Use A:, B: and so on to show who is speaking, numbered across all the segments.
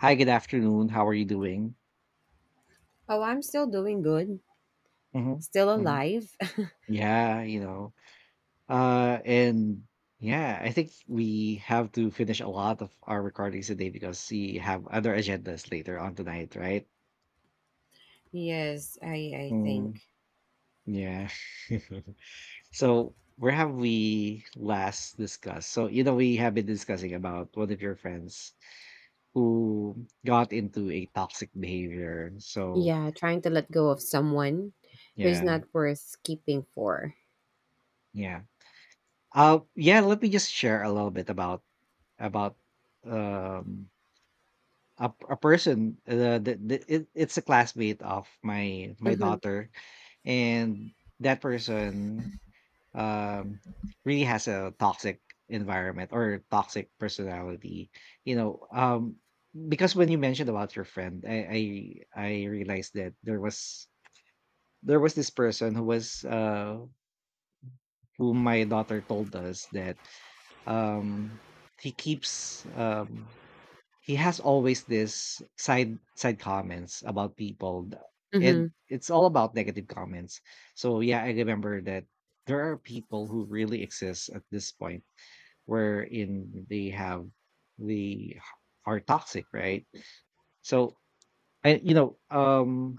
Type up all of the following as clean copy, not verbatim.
A: Hi, good afternoon. How are you doing?
B: Oh, I'm still doing good,
A: hmm
B: still
A: hmm
B: alive.
A: Yeah, you know. And yeah, I think we have to finish a lot of our recordings today because we have other agendas later on tonight, right?
B: Yes, I think.
A: Mm, yeah. So where have we last discussed? So we have been discussing about one of your friends who got into a toxic behavior. So,
B: Yeah, trying to let go of someone who's
A: yeah,
B: not worth keeping for.
A: yeah. Yeah, let me just share a little bit about about um a person it's a classmate of my
B: Mhm.
A: daughter, and that person um really has a toxic environment or toxic personality, you know um because when you mentioned about your friend I realized that there was this person who was who my daughter told us that um he keeps he has always this side comments about people, and
B: Mhm.
A: it's all about negative comments. So yeah, I remember that there are people who really exist at this point wherein they have the are toxic, right? So i you know um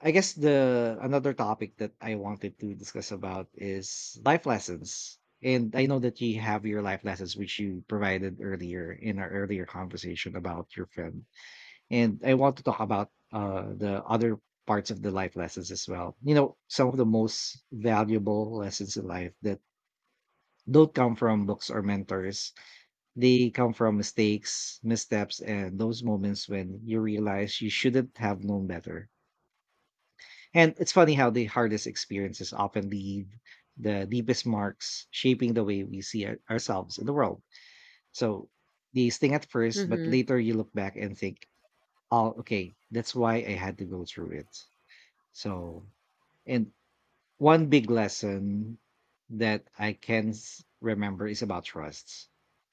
A: I guess the another topic that I wanted to discuss about is life lessons. And I know that you have your life lessons, which you provided earlier in our earlier conversation about your friend. And I want to talk about the other parts of the life lessons as well. You know, some of the most valuable lessons in life that don't come from books or mentors, they come from mistakes, missteps, and those moments when you realize you shouldn't have known better. And it's funny how the hardest experiences often leave the deepest marks, shaping the way we see ourselves in the world. So they sting at first, but
B: Mhm.
A: later you look back and think, oh, okay, that's why I had to go through it. So, and one big lesson that I can remember is about trusts.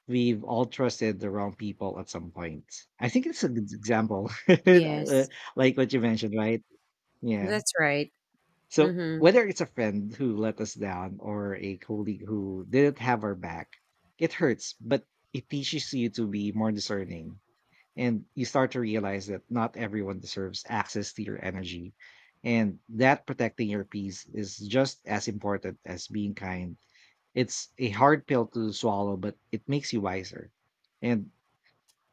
A: We've all trusted the wrong people at some point. I think it's a good example.
B: Yes.
A: Like what you mentioned, right? Yeah.
B: That's right.
A: So
B: Mhm.
A: whether it's a friend who let us down or a colleague who didn't have our back, it hurts, but it teaches you to be more discerning. And you start to realize that not everyone deserves access to your energy. And that protecting your peace is just as important as being kind. It's a hard pill to swallow, but it makes you wiser. And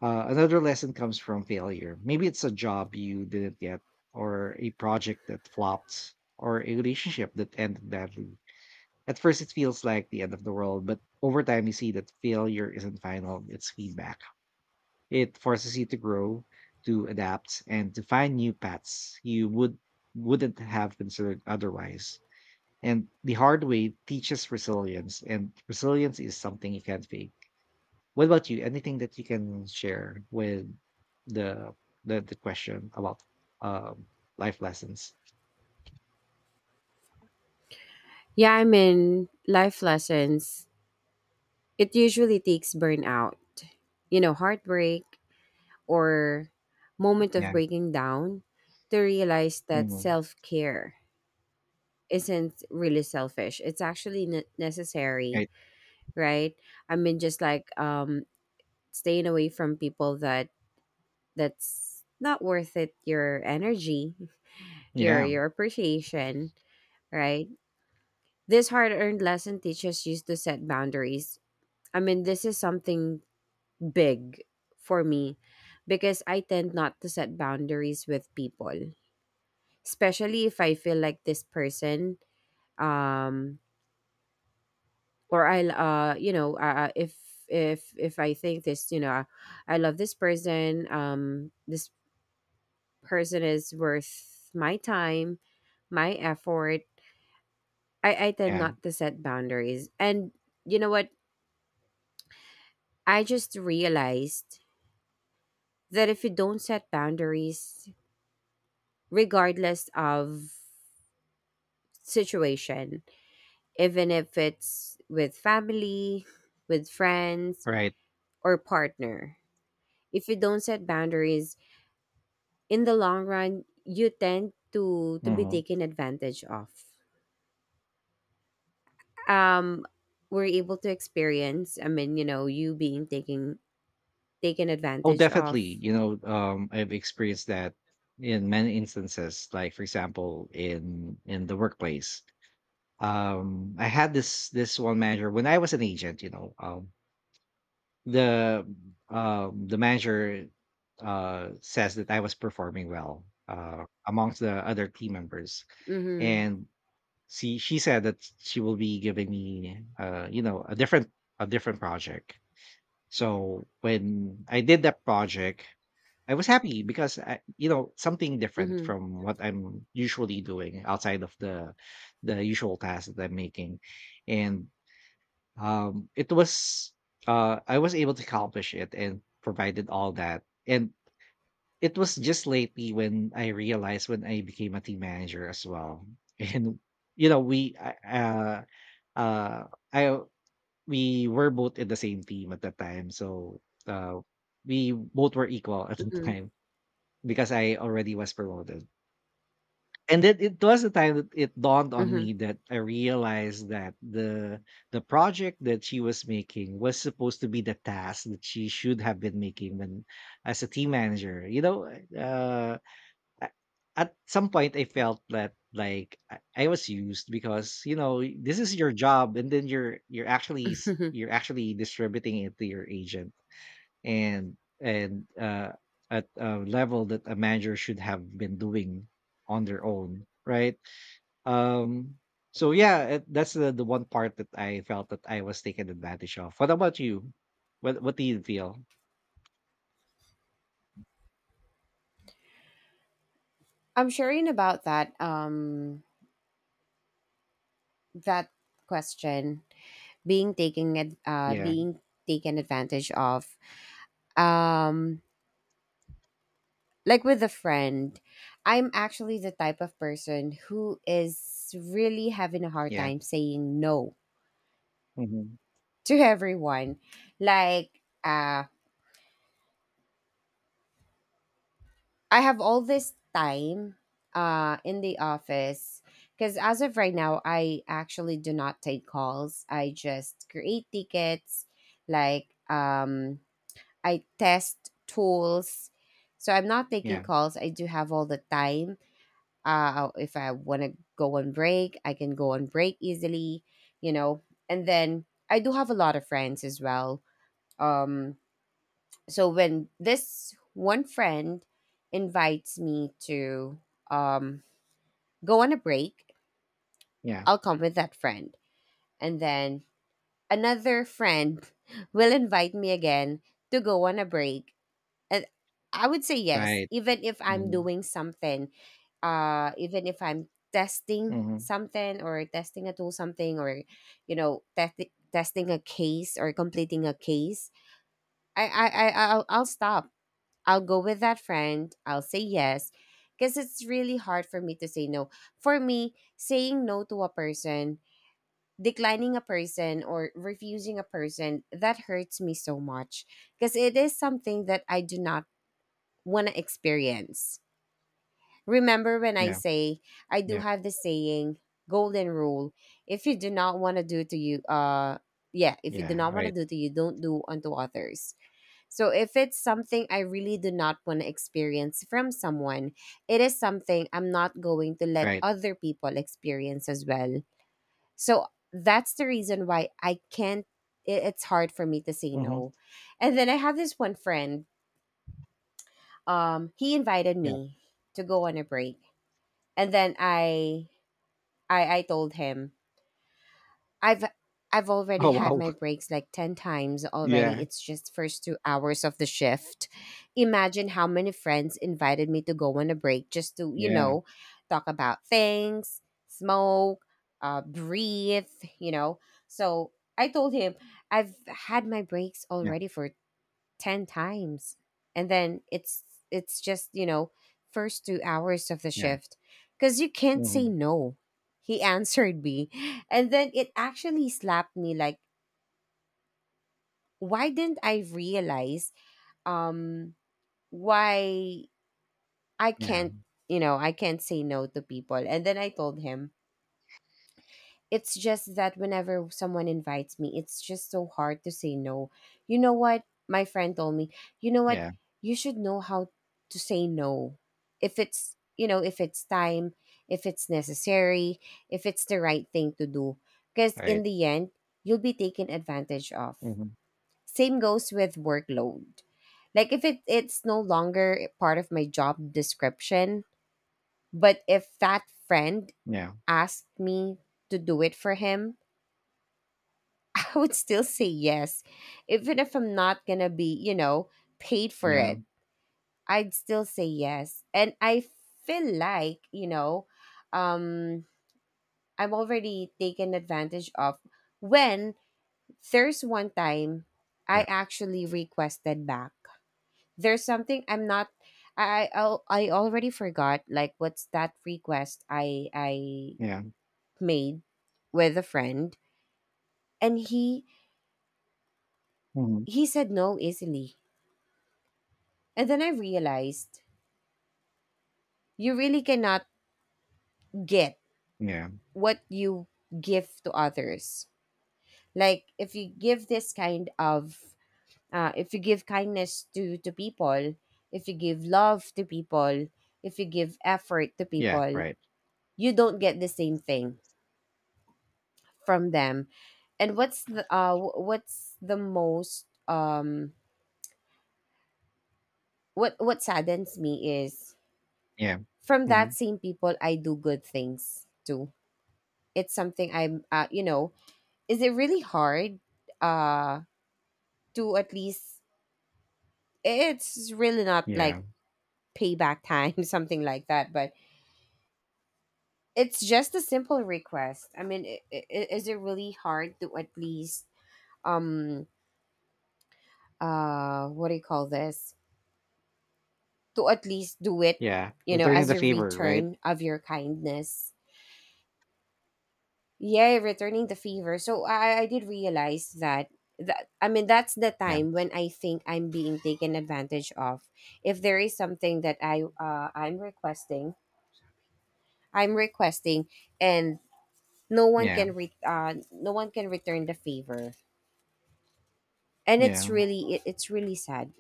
A: another lesson comes from failure. Maybe it's a job you didn't get, or a project that flopped, or a relationship that ended badly. At first, it feels like the end of the world, but over time, you see that failure isn't final, it's feedback. It forces you to grow, to adapt, and to find new paths you wouldn't have considered otherwise. And the hard way teaches resilience, and resilience is something you can't fake. What about you? Anything that you can share with the the question about um, life lessons?
B: Yeah, I mean, life lessons. It usually takes burnout, you know, heartbreak or moment of
A: Yeah.
B: breaking down to realize that
A: Hmm.
B: self-care isn't really selfish. It's actually necessary,
A: Right.
B: right? I mean, just like staying away from people that that's not worth it. Your energy, your
A: Yeah.
B: your appreciation, right? This hard earned lesson teaches you to set boundaries. I mean, this is something big for me because I tend not to set boundaries with people, especially if I feel like this person um or I'll you know if I think this, I love this person, this person is worth my time, my effort. I tend
A: Yeah.
B: not to set boundaries. And you know what, I just realized that if you don't set boundaries regardless of situation, even if it's with family, with friends,
A: Right.
B: or partner, if you don't set boundaries, in the long run you tend to be
A: Hmm.
B: taken advantage of. um we're able to experience, I mean, you know, you being taken
A: Oh,
B: advantage of.
A: definitely. You know, I've experienced that in many instances. Like, for example, in the workplace, I had this one manager when I was an agent. You know, the the manager says that I was performing well amongst the other team members,
B: Mm-hmm,
A: and she said that she will be giving me a different project. So when I did that project, I was happy because I, you know, something different
B: mm-hmm,
A: from what I'm usually doing outside of the usual tasks that I'm making, and it was I was able to accomplish it and provided all that. And it was just lately when I realized when I became a team manager as well. And you know, we uh I we were both in the same team at that time. So uh we both were equal at the
B: mm-hmm,
A: time because I already was promoted. And then it was the time that it dawned on
B: mm-hmm.
A: me that I realized that the project that she was making was supposed to be the task that she should have been making when as a team manager. You know, uh, a- at some point I felt that like I was used because you know this is your job, and then you're actually you're actually distributing it to your agent, and at a level that a manager should have been doing on their own right. um, so yeah, that's the one part that I felt that I was taken advantage of. What about you? What do you feel?
B: I'm sharing about that question, being
A: Yeah,
B: taken advantage of. um like with a friend, I'm actually the type of person who is really having a hard
A: yeah,
B: time saying no
A: hmm,
B: to everyone. Like, I have all this time in the office because as of right now, I actually do not take calls. I just create tickets, like, I test tools. So I'm not taking
A: yeah,
B: calls. I do have all the time. If I want to go on break, I can go on break easily, you know. And then I do have a lot of friends as well. Um, so when this one friend invites me to um go on a break,
A: yeah,
B: I'll come with that friend. And then another friend will invite me again to go on a break, and I would say yes
A: right.
B: even if I'm
A: Hmm.
B: doing something, even if I'm testing
A: Hmm.
B: something or testing a tool, something, or you know, testing a case or completing a case, i i, I I'll stop. I'll go with that friend. I'll say yes. Because it's really hard for me to say no. For me, saying no to a person, declining a person, or refusing a person, that hurts me so much. Because it is something that I do not want to experience. Remember when I
A: Yeah,
B: say, I do
A: yeah,
B: have the saying, golden rule, if you do not want to do to you, yeah, if you do
A: yeah,
B: not want to
A: right,
B: do to you, don't do unto others. So if it's something I really do not want to experience from someone, it is something I'm not going to let
A: right.
B: other people experience as well. So that's the reason why I can't it, it's hard for me to say
A: Hmm.
B: no. And then I have this one friend, he invited
A: Yeah.
B: me to go on a break. And then I told him I've I've already
A: Oh
B: had
A: wow.
B: my breaks like 10 times already.
A: Yeah,
B: It's just first 2 hours of the shift. Imagine how many friends invited me to go on a break just to, you
A: yeah,
B: know, talk about things, smoke, breathe, you know. So, I told him I've had my breaks
A: yeah,
B: already for 10 times, and then it's just, you know, first 2 hours of the
A: yeah,
B: shift, because you can't say
A: hmm,
B: no. He answered me, and then it actually slapped me, like, why didn't I realize, um why I
A: yeah,
B: can't, you know, I can't say no to people. And then I told him, it's just that whenever someone invites me, it's just so hard to say no. You know what? My friend told me, you know what?
A: yeah,
B: You should know how to say no. If it's, you know, if it's time, if it's necessary, if it's the right thing to do. Because in
A: right.
B: the end, you'll be taken advantage of.
A: Hmm.
B: Same goes with workload. Like if it's no longer part of my job description, but if that friend
A: Yeah,
B: asked me to do it for him, I would still say yes. Even if I'm not going to be, you know, paid for
A: yeah,
B: it, I'd still say yes. And I feel like, you know, um, I'm already taken advantage of when there's one time I
A: yeah,
B: actually requested back. There's something I'm not. I already forgot like what's that request I
A: yeah,
B: made with a friend, and
A: hmm,
B: he said no easily. And then I realized you really cannot get
A: yeah,
B: what you give to others. Like if you give this kind of, if you give kindness to people, if you give love to people, if you give effort to
A: yeah,
B: people,
A: right.
B: you don't get the same thing from them. And what's the most, what saddens me is
A: Yeah,
B: from
A: hmm,
B: that same people I do good things to. It's something I'm, you know, is it really hard uh to at least, it's really not like
A: yeah,
B: payback time, something like that, but it's just a simple request. I mean, is it really hard to at least, um what do you call this, to at least do it,
A: yeah.
B: you know,
A: Returning
B: as
A: the
B: a
A: favor, right?
B: return of your kindness. Yeah, returning the favor. So I did realize that I mean, that's the
A: Yeah,
B: time when I think I'm being taken advantage of. If there is something that I'm requesting, and no one
A: yeah.
B: can no one can return the favor, and it's
A: Yeah.
B: really it's really sad,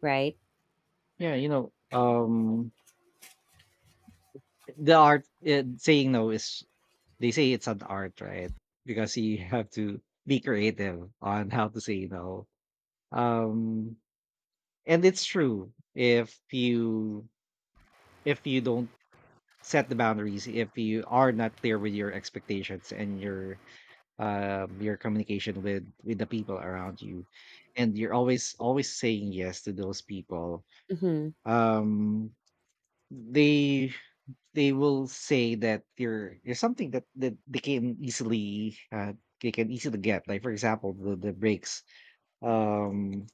B: right?
A: Yeah, you know, the art saying no is they say it's an art, right? Because you have to be creative on how to say no. Um and it's true if you don't set the boundaries, if you are not clear with your expectations and your communication with the people around you, and you're always saying yes to those people,
B: Mm-hmm.
A: um they will say that you're something that they can easily get. Like for example, the breaks. um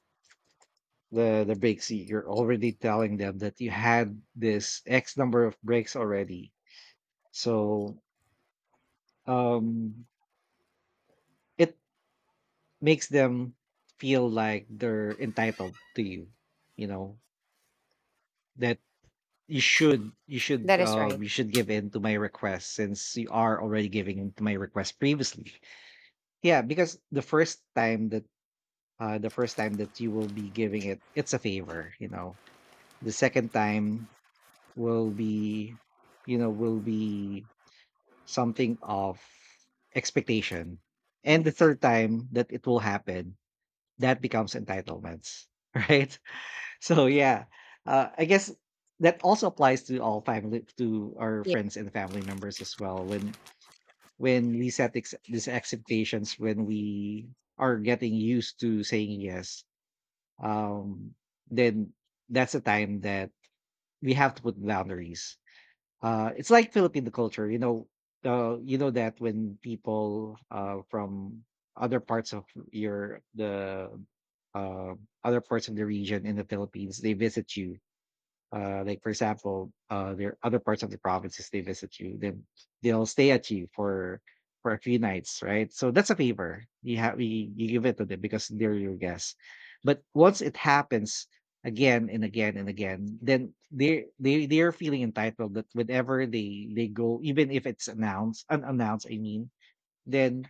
A: the the breaks, you're already telling them that you had this x number of breaks already. So um it makes them feel like they're entitled to you, you know, that
B: That is right.
A: you should give in to my request since you are already giving in to my request previously. Yeah, because the first time that the first time that you will be giving it, it's a favor, you know. The second time will be, you know, will be something of expectation. And the third time that it will happen, that becomes entitlements, right? So yeah, I guess that also applies to all family, to our
B: Yeah.
A: friends and family members as well, when we set these expectations, when we are getting used to saying yes, um then that's a time that we have to put boundaries. Uh, it's like Filipino culture, you know, you know that when people from other parts of your the uh other parts of the region in the Philippines, they visit you, like for example, there are other parts of the provinces, they visit you, then they'll stay at you for a few nights, right? So that's a favor. You have you give it to them because they're your guests. But once it happens again and again and again, then they are feeling entitled that whenever they go, even if it's announced unannounced, I mean, then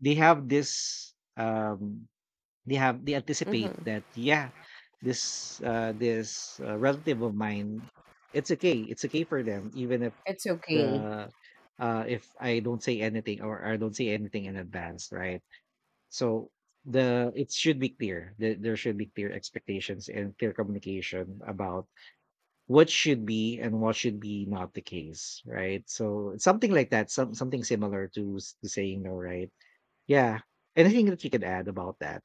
A: they have this they have they anticipate
B: Mm-hmm.
A: that, yeah, this, relative of mine, it's okay for them even if
B: It's okay.
A: the if I don't say anything or I don't say anything in advance, right? So the it should be clear that there should be clear expectations and clear communication about what should be and what should be not the case, right? So something like that, something similar to, to saying no, right? Yeah. Anything that you could add about that?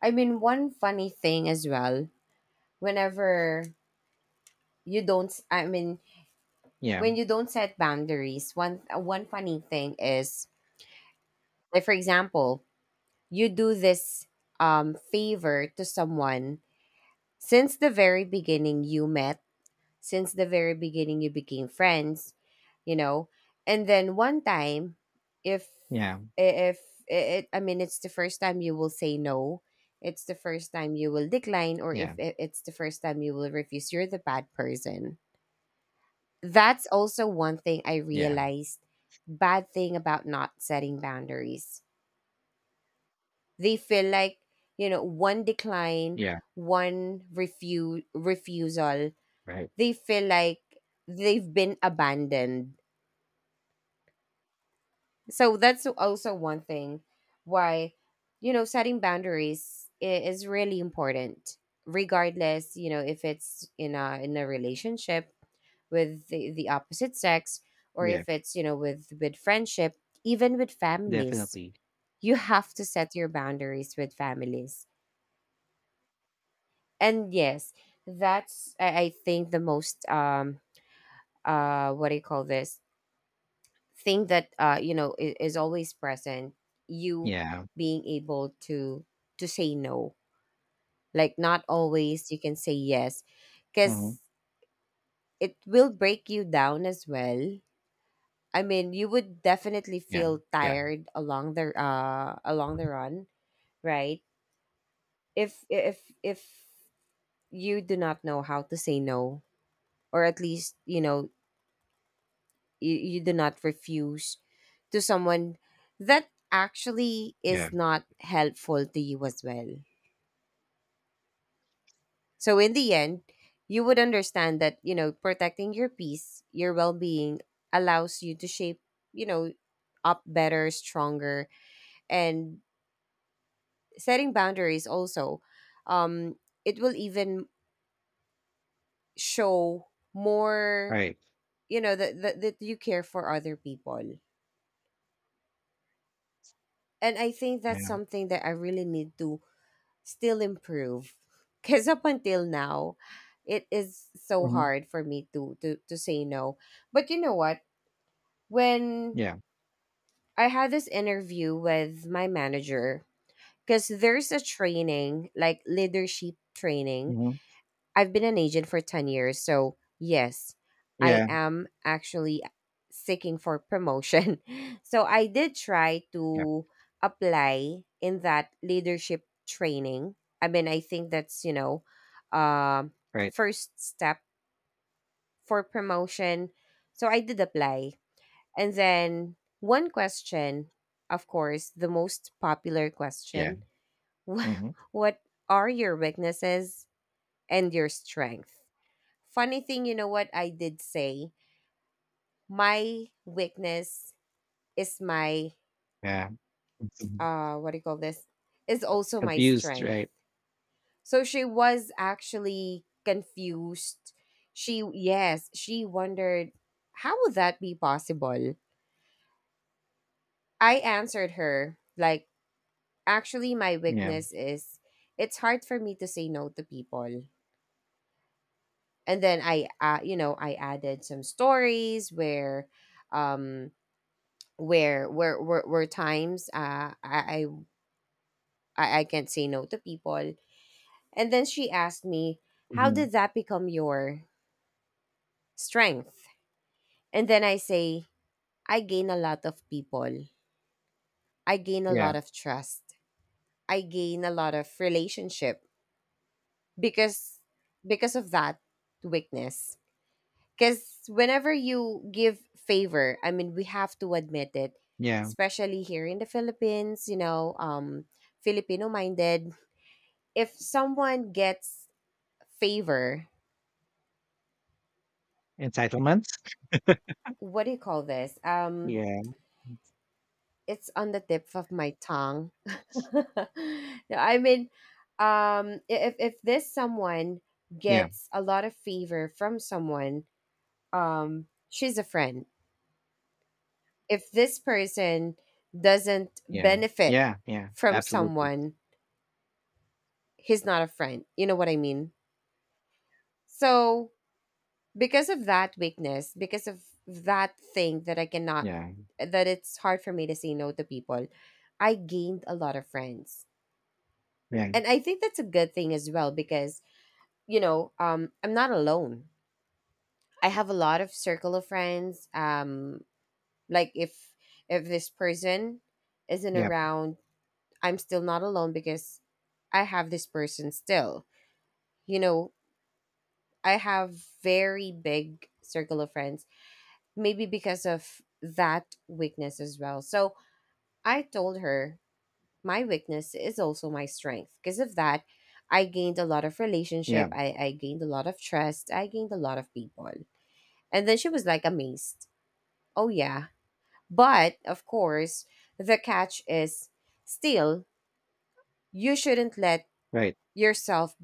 B: I mean, one funny thing as well. Whenever you don't, I mean,
A: Yeah,
B: when you don't set boundaries, one funny thing is, like for example, you do this favor to someone since the very beginning you met, since the very beginning you became friends, you know, and then one time, if
A: yeah,
B: if it, I mean, it's the first time you will say no, it's the first time you will decline, or if
A: yeah.
B: it's the first time you will refuse, you're the bad person. That's also one thing I
A: Yeah,
B: realized, bad thing about not setting boundaries. They feel like, you know, one decline,
A: yeah,
B: one refusal,
A: right.
B: they feel like they've been abandoned. So that's also one thing why, you know, setting boundaries is really important, regardless, you know, if it's in a relationship with the opposite sex, or
A: Yeah,
B: if it's, you know, with friendship, even with families.
A: definitely.
B: You have to set your boundaries with families. And yes, that's I think the most, what do you call this, thing that, you know, is always present, you
A: Yeah.
B: being able to say no. Like, not always you can say yes,
A: Mhm.
B: because it will break you down as well. I mean, you would definitely
A: Yeah,
B: feel
A: yeah,
B: tired along the, along the run, right? If you do not know how to say no, or at least, you know, you do not refuse to someone that actually
A: yeah,
B: is not helpful to you as well. So in the end, you would understand that, you know, protecting your peace, your well being, allows you to shape, you know, up better, stronger, and setting boundaries also, um it will even show more,
A: right.
B: you know, that, that you care for other people. And I think that's
A: Yeah.
B: something that I really need to still improve. Because up until now, it is so
A: Mhm.
B: hard for me to say no. But you know what, when
A: Yeah.
B: I had this interview with my manager, because there's a training, like leadership training,
A: Mhm.
B: I've been an agent for 10 years, so yes, I
A: Yeah,
B: am actually seeking for promotion. So I did try
A: yeah,
B: to apply in that leadership training. I mean, I think that's, you know, um
A: right.
B: first step for promotion. So I did apply. And then one question, of course, the most popular
A: Yeah.
B: question,
A: Mhm.
B: what are your weaknesses and your strength? Funny thing, you know what I did say? My weakness is my,
A: Yeah. Mhm.
B: what do you call this, is also my
A: Abused,
B: strength.
A: right?
B: So she was actually confused. She, yes, she wondered how would that be possible? I answered her like, actually my
A: Yeah.
B: weakness is it's hard for me to say no to people. And then I you know, I added some stories where, um where times, I can't say no to people. And then she asked me, "How
A: Mhm.
B: did that become your strength?" And then I say, "I gain a lot of people. I gain a
A: Yeah,
B: lot of trust. I gain a lot of relationship because because of that weakness. Because whenever you give favor, I mean, we have to admit it,
A: yeah.
B: especially here in the Philippines. Filipino minded if someone gets favor,
A: Entitlements?
B: what do you call this?
A: Yeah,
B: It's on the tip of my tongue. No, I mean, if if this someone
A: yeah,
B: gets a lot of favor from someone, she's a friend. If this person doesn't
A: yeah,
B: benefit
A: yeah, yeah,
B: from
A: absolutely.
B: someone, he's not a friend. You know what I mean? So because of that weakness, because of that thing that I cannot,
A: Yeah,
B: that it's hard for me to say no to people, I gained a lot of friends.
A: yeah,
B: And I think that's a good thing as well because I'm not alone. I have a lot of circle of friends. Like if this person isn't
A: yeah,
B: around, I'm still not alone because I have this person still. You know, I have very big circle of friends maybe because of that weakness as well. So I told her my weakness is also my strength. Because of that, I gained a lot of relationship.
A: yeah,
B: I gained a lot of trust. I gained a lot of people. And then she was like amazed. Oh yeah. But of course, the catch is still you shouldn't let
A: right.
B: yourself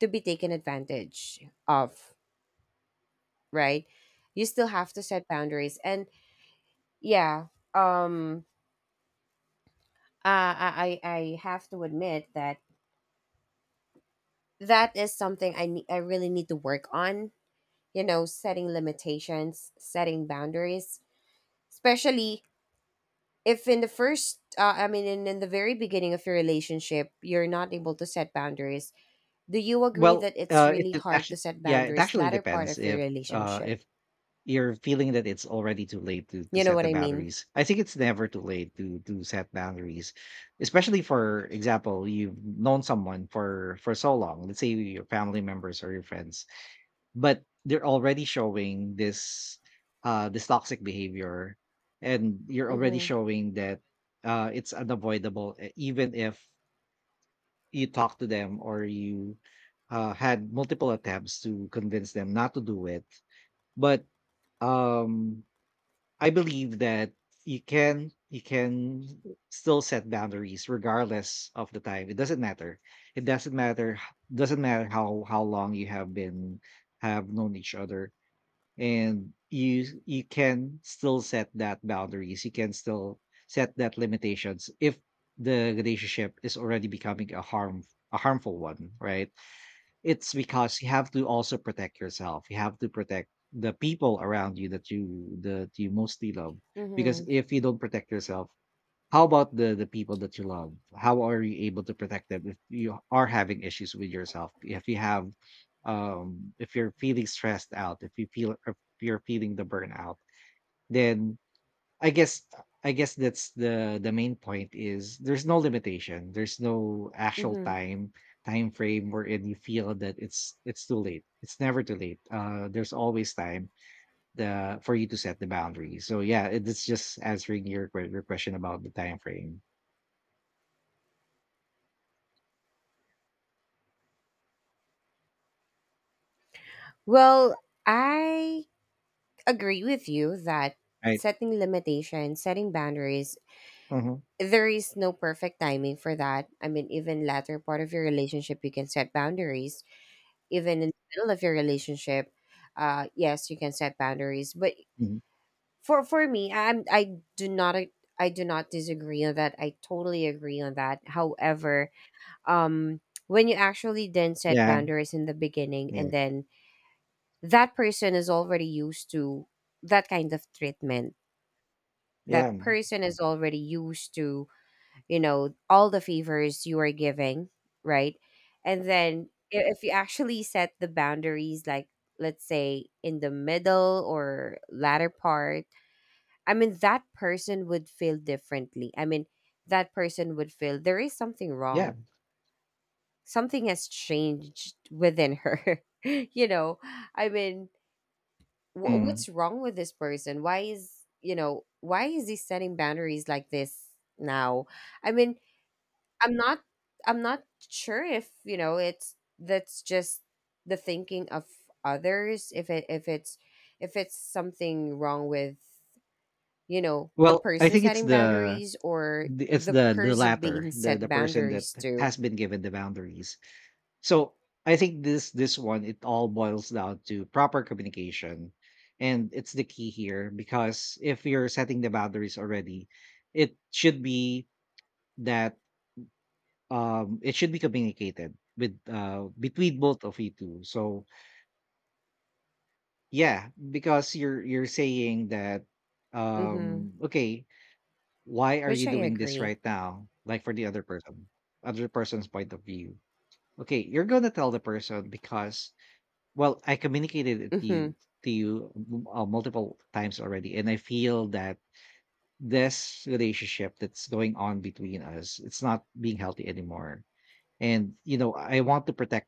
B: to be taken advantage of, right? You still have to set boundaries. And yeah, um uh, I I I have to admit that that is something I really need to work on. You know, setting limitations, setting boundaries, especially if in the first, I mean, in the very beginning of your relationship, you're not able to set boundaries. Do you agree
A: Well,
B: that it's really
A: it
B: hard to
A: actually,
B: set
A: yeah, it
B: boundaries
A: actually
B: latter part
A: depends
B: of your
A: if, uh,
B: relationship?
A: if you're feeling that it's already too late to
B: You know
A: set
B: what
A: the
B: I mean?
A: boundaries. I think it's never too late to set boundaries, especially for example, you've known someone for so long. Let's say your family members or your friends, but they're already showing this this toxic behavior, and you're already
B: Mm-hmm.
A: showing that it's unavoidable, even if you talk to them or you had multiple attempts to convince them not to do it, but um I believe that you can still set boundaries regardless of the time. It doesn't matter. It doesn't matter, doesn't matter how long you have been have known each other, and you can still set that boundaries. You can still set that limitations if the relationship is already becoming a harmful one, right? It's because you have to also protect yourself. You have to protect the people around you that you that you mostly love. Because
B: Mm-hmm.
A: if you don't protect yourself, how about the people that you love? How are you able to protect them if you are having issues with yourself? If you have, if you're feeling stressed out, if you're feeling the burnout, then I guess I guess that's the main point is there's no limitation. There's no actual
B: Mm-hmm.
A: time frame wherein you feel that it's too late. It's never too late. There's always time the for you to set the boundary. So yeah, it's just answering your your question about the time frame.
B: Well, I agree with you that
A: Right.
B: setting limitations, setting boundaries,
A: Mhm.
B: there is no perfect timing for that. I mean, even latter part of your relationship, you can set boundaries. Even in the middle of your relationship, yes, you can set boundaries. But
A: Mhm.
B: for me, I do not disagree on that. I totally agree on that. However, um, when you actually then set
A: Yeah.
B: boundaries in the beginning,
A: Yeah.
B: and then that person is already used to that kind of treatment, that
A: Yeah.
B: person is already used to, you know, all the favors you are giving, right? And then if you actually set the boundaries, like let's say in the middle or latter part, I mean that person would feel differently. I mean that person would feel there is something
A: Yeah.
B: wrong, something has changed within her. You know, I mean,
A: Mm.
B: what's wrong with this person? Why is, you know, why is he setting boundaries like this now? I mean, I'm not I'm not sure if, you know, it's that's just the thinking of others if it if it's something wrong with, you know, the
A: Well, I
B: person
A: think it's
B: setting boundaries or
A: it's
B: the
A: the
B: person
A: latter,
B: being
A: the
B: set
A: person that
B: boundaries to.
A: has been given the boundaries. So I think this one, it all boils down to proper communication, and it's the key here because if you're setting the boundaries already, it should be that it should be communicated with between both of you two. So yeah, because you're saying that
B: Mhm.
A: okay, why are
B: Which
A: you
B: I
A: doing this
B: agree.
A: right now? Like for the other person, other person's point of view. Okay, you're gonna tell the person because, well, I communicated it to you
B: Mhm.
A: multiple times already, and I feel that this relationship that's going on between us, it's not being healthy anymore. And you know, I want to protect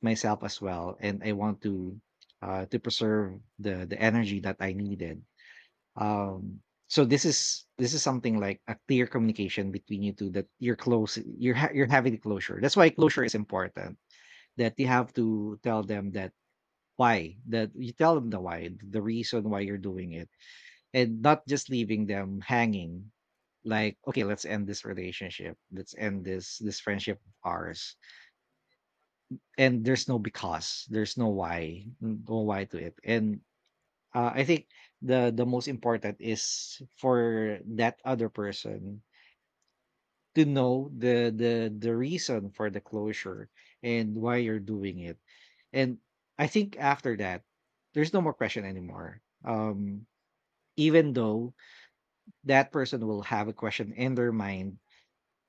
A: myself as well, and I want to preserve the energy that I needed. Um, so this is something like a clear communication between you two that you're close, you're ha- you're having closure. That's why closure is important. That you have to tell them that why that you tell them the why, the reason why you're doing it, and not just leaving them hanging, like, okay, let's end this relationship, let's end this friendship of ours, and there's no because there's no why no why to it. And I think the most important is for that other person to know the reason for the closure and why you're doing it. And I think after that, there's no more question anymore. Even though that person will have a question in their mind,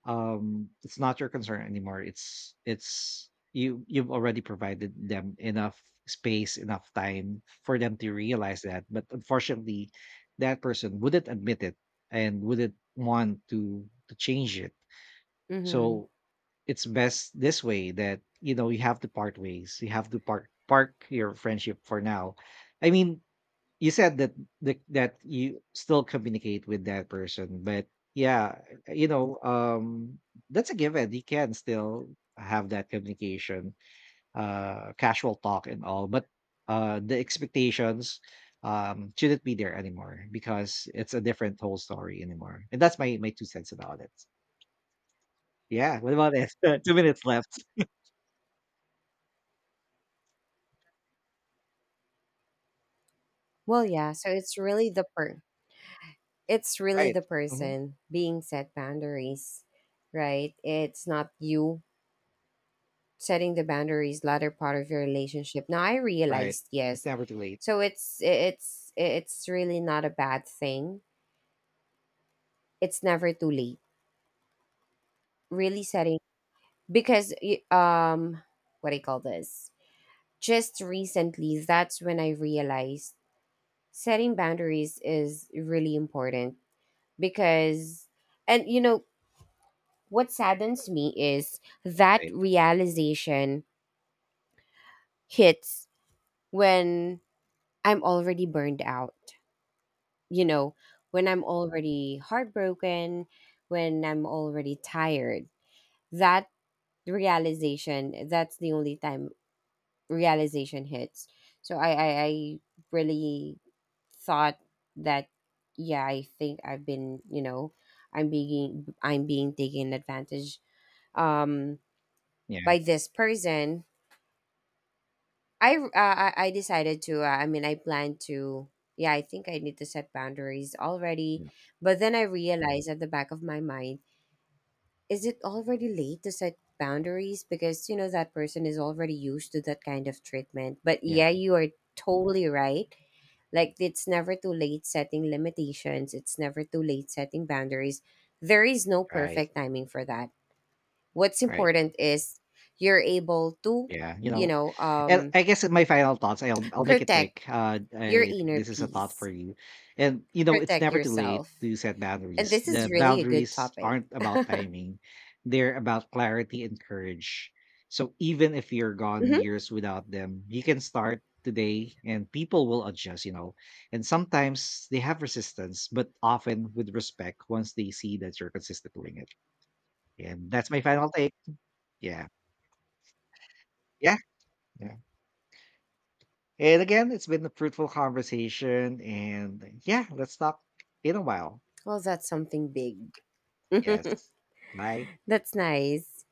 A: it's not your concern anymore. It's you You've already provided them enough space, enough time for them to realize that, but unfortunately that person wouldn't admit it and wouldn't want to change it.
B: Mhm.
A: So it's best this way, that you know, you have to part ways. You have to part park your friendship for now. I mean, you said that that you still communicate with that person, but yeah, you know, that's a given. You can still have that communication, casual talk and all, but the expectations shouldn't be there anymore because it's a different whole story anymore. And that's my two cents about it. Yeah, what about it? 2 minutes left.
B: Well, yeah, so it's really
A: Right.
B: the
A: Hmm.
B: person being set boundaries, right? It's not you setting the boundaries latter part of your relationship. Now I
A: Right.
B: realized,
A: It's
B: yes.
A: never too late.
B: So it's really not a bad thing. It's never too late. Really setting, because y- um what do you call this? Just recently that's when I realized setting boundaries is really important because, and you know, what saddens me is that
A: Right.
B: realization hits when I'm already burned out. You know, when I'm already heartbroken, when I'm already tired. That realization, that's the only time realization hits. So I really thought that, yeah, I think I've been, you know, I'm being taken advantage, um
A: Yeah.
B: by this person. I decided to. I mean, I plan to. Yeah, I think I need to set boundaries already.
A: Yeah,
B: But then I realized at the back of my mind, is it already late to set boundaries? Because you know that person is already used to that kind of treatment. But
A: yeah.
B: yeah, you are totally right. Like it's never too late setting limitations. It's never too late setting boundaries. There is no
A: Right.
B: perfect timing for that. What's
A: Right.
B: important is you're able to,
A: Yeah, you
B: you
A: know.
B: know,
A: And
B: um,
A: I guess my final thoughts, I'll make it
B: protect
A: quick.
B: your
A: I think
B: inner
A: this is a thought for
B: peace,
A: you. And you know, it's
B: protect
A: never too late
B: yourself.
A: to set
B: And
A: boundaries.
B: this
A: The
B: is really a good
A: boundaries
B: topic.
A: aren't about timing, they're about clarity and courage. So even if you're gone
B: Hmm.
A: years without them, you can start today and people will adjust, you know. And sometimes they have resistance, but often with respect, once they see that you're consistent doing it. And that's my final take. Yeah. Yeah. And again, it's been a fruitful conversation. And yeah, let's talk in a while.
B: Well, that's something big.
A: Yes. Bye.
B: That's nice.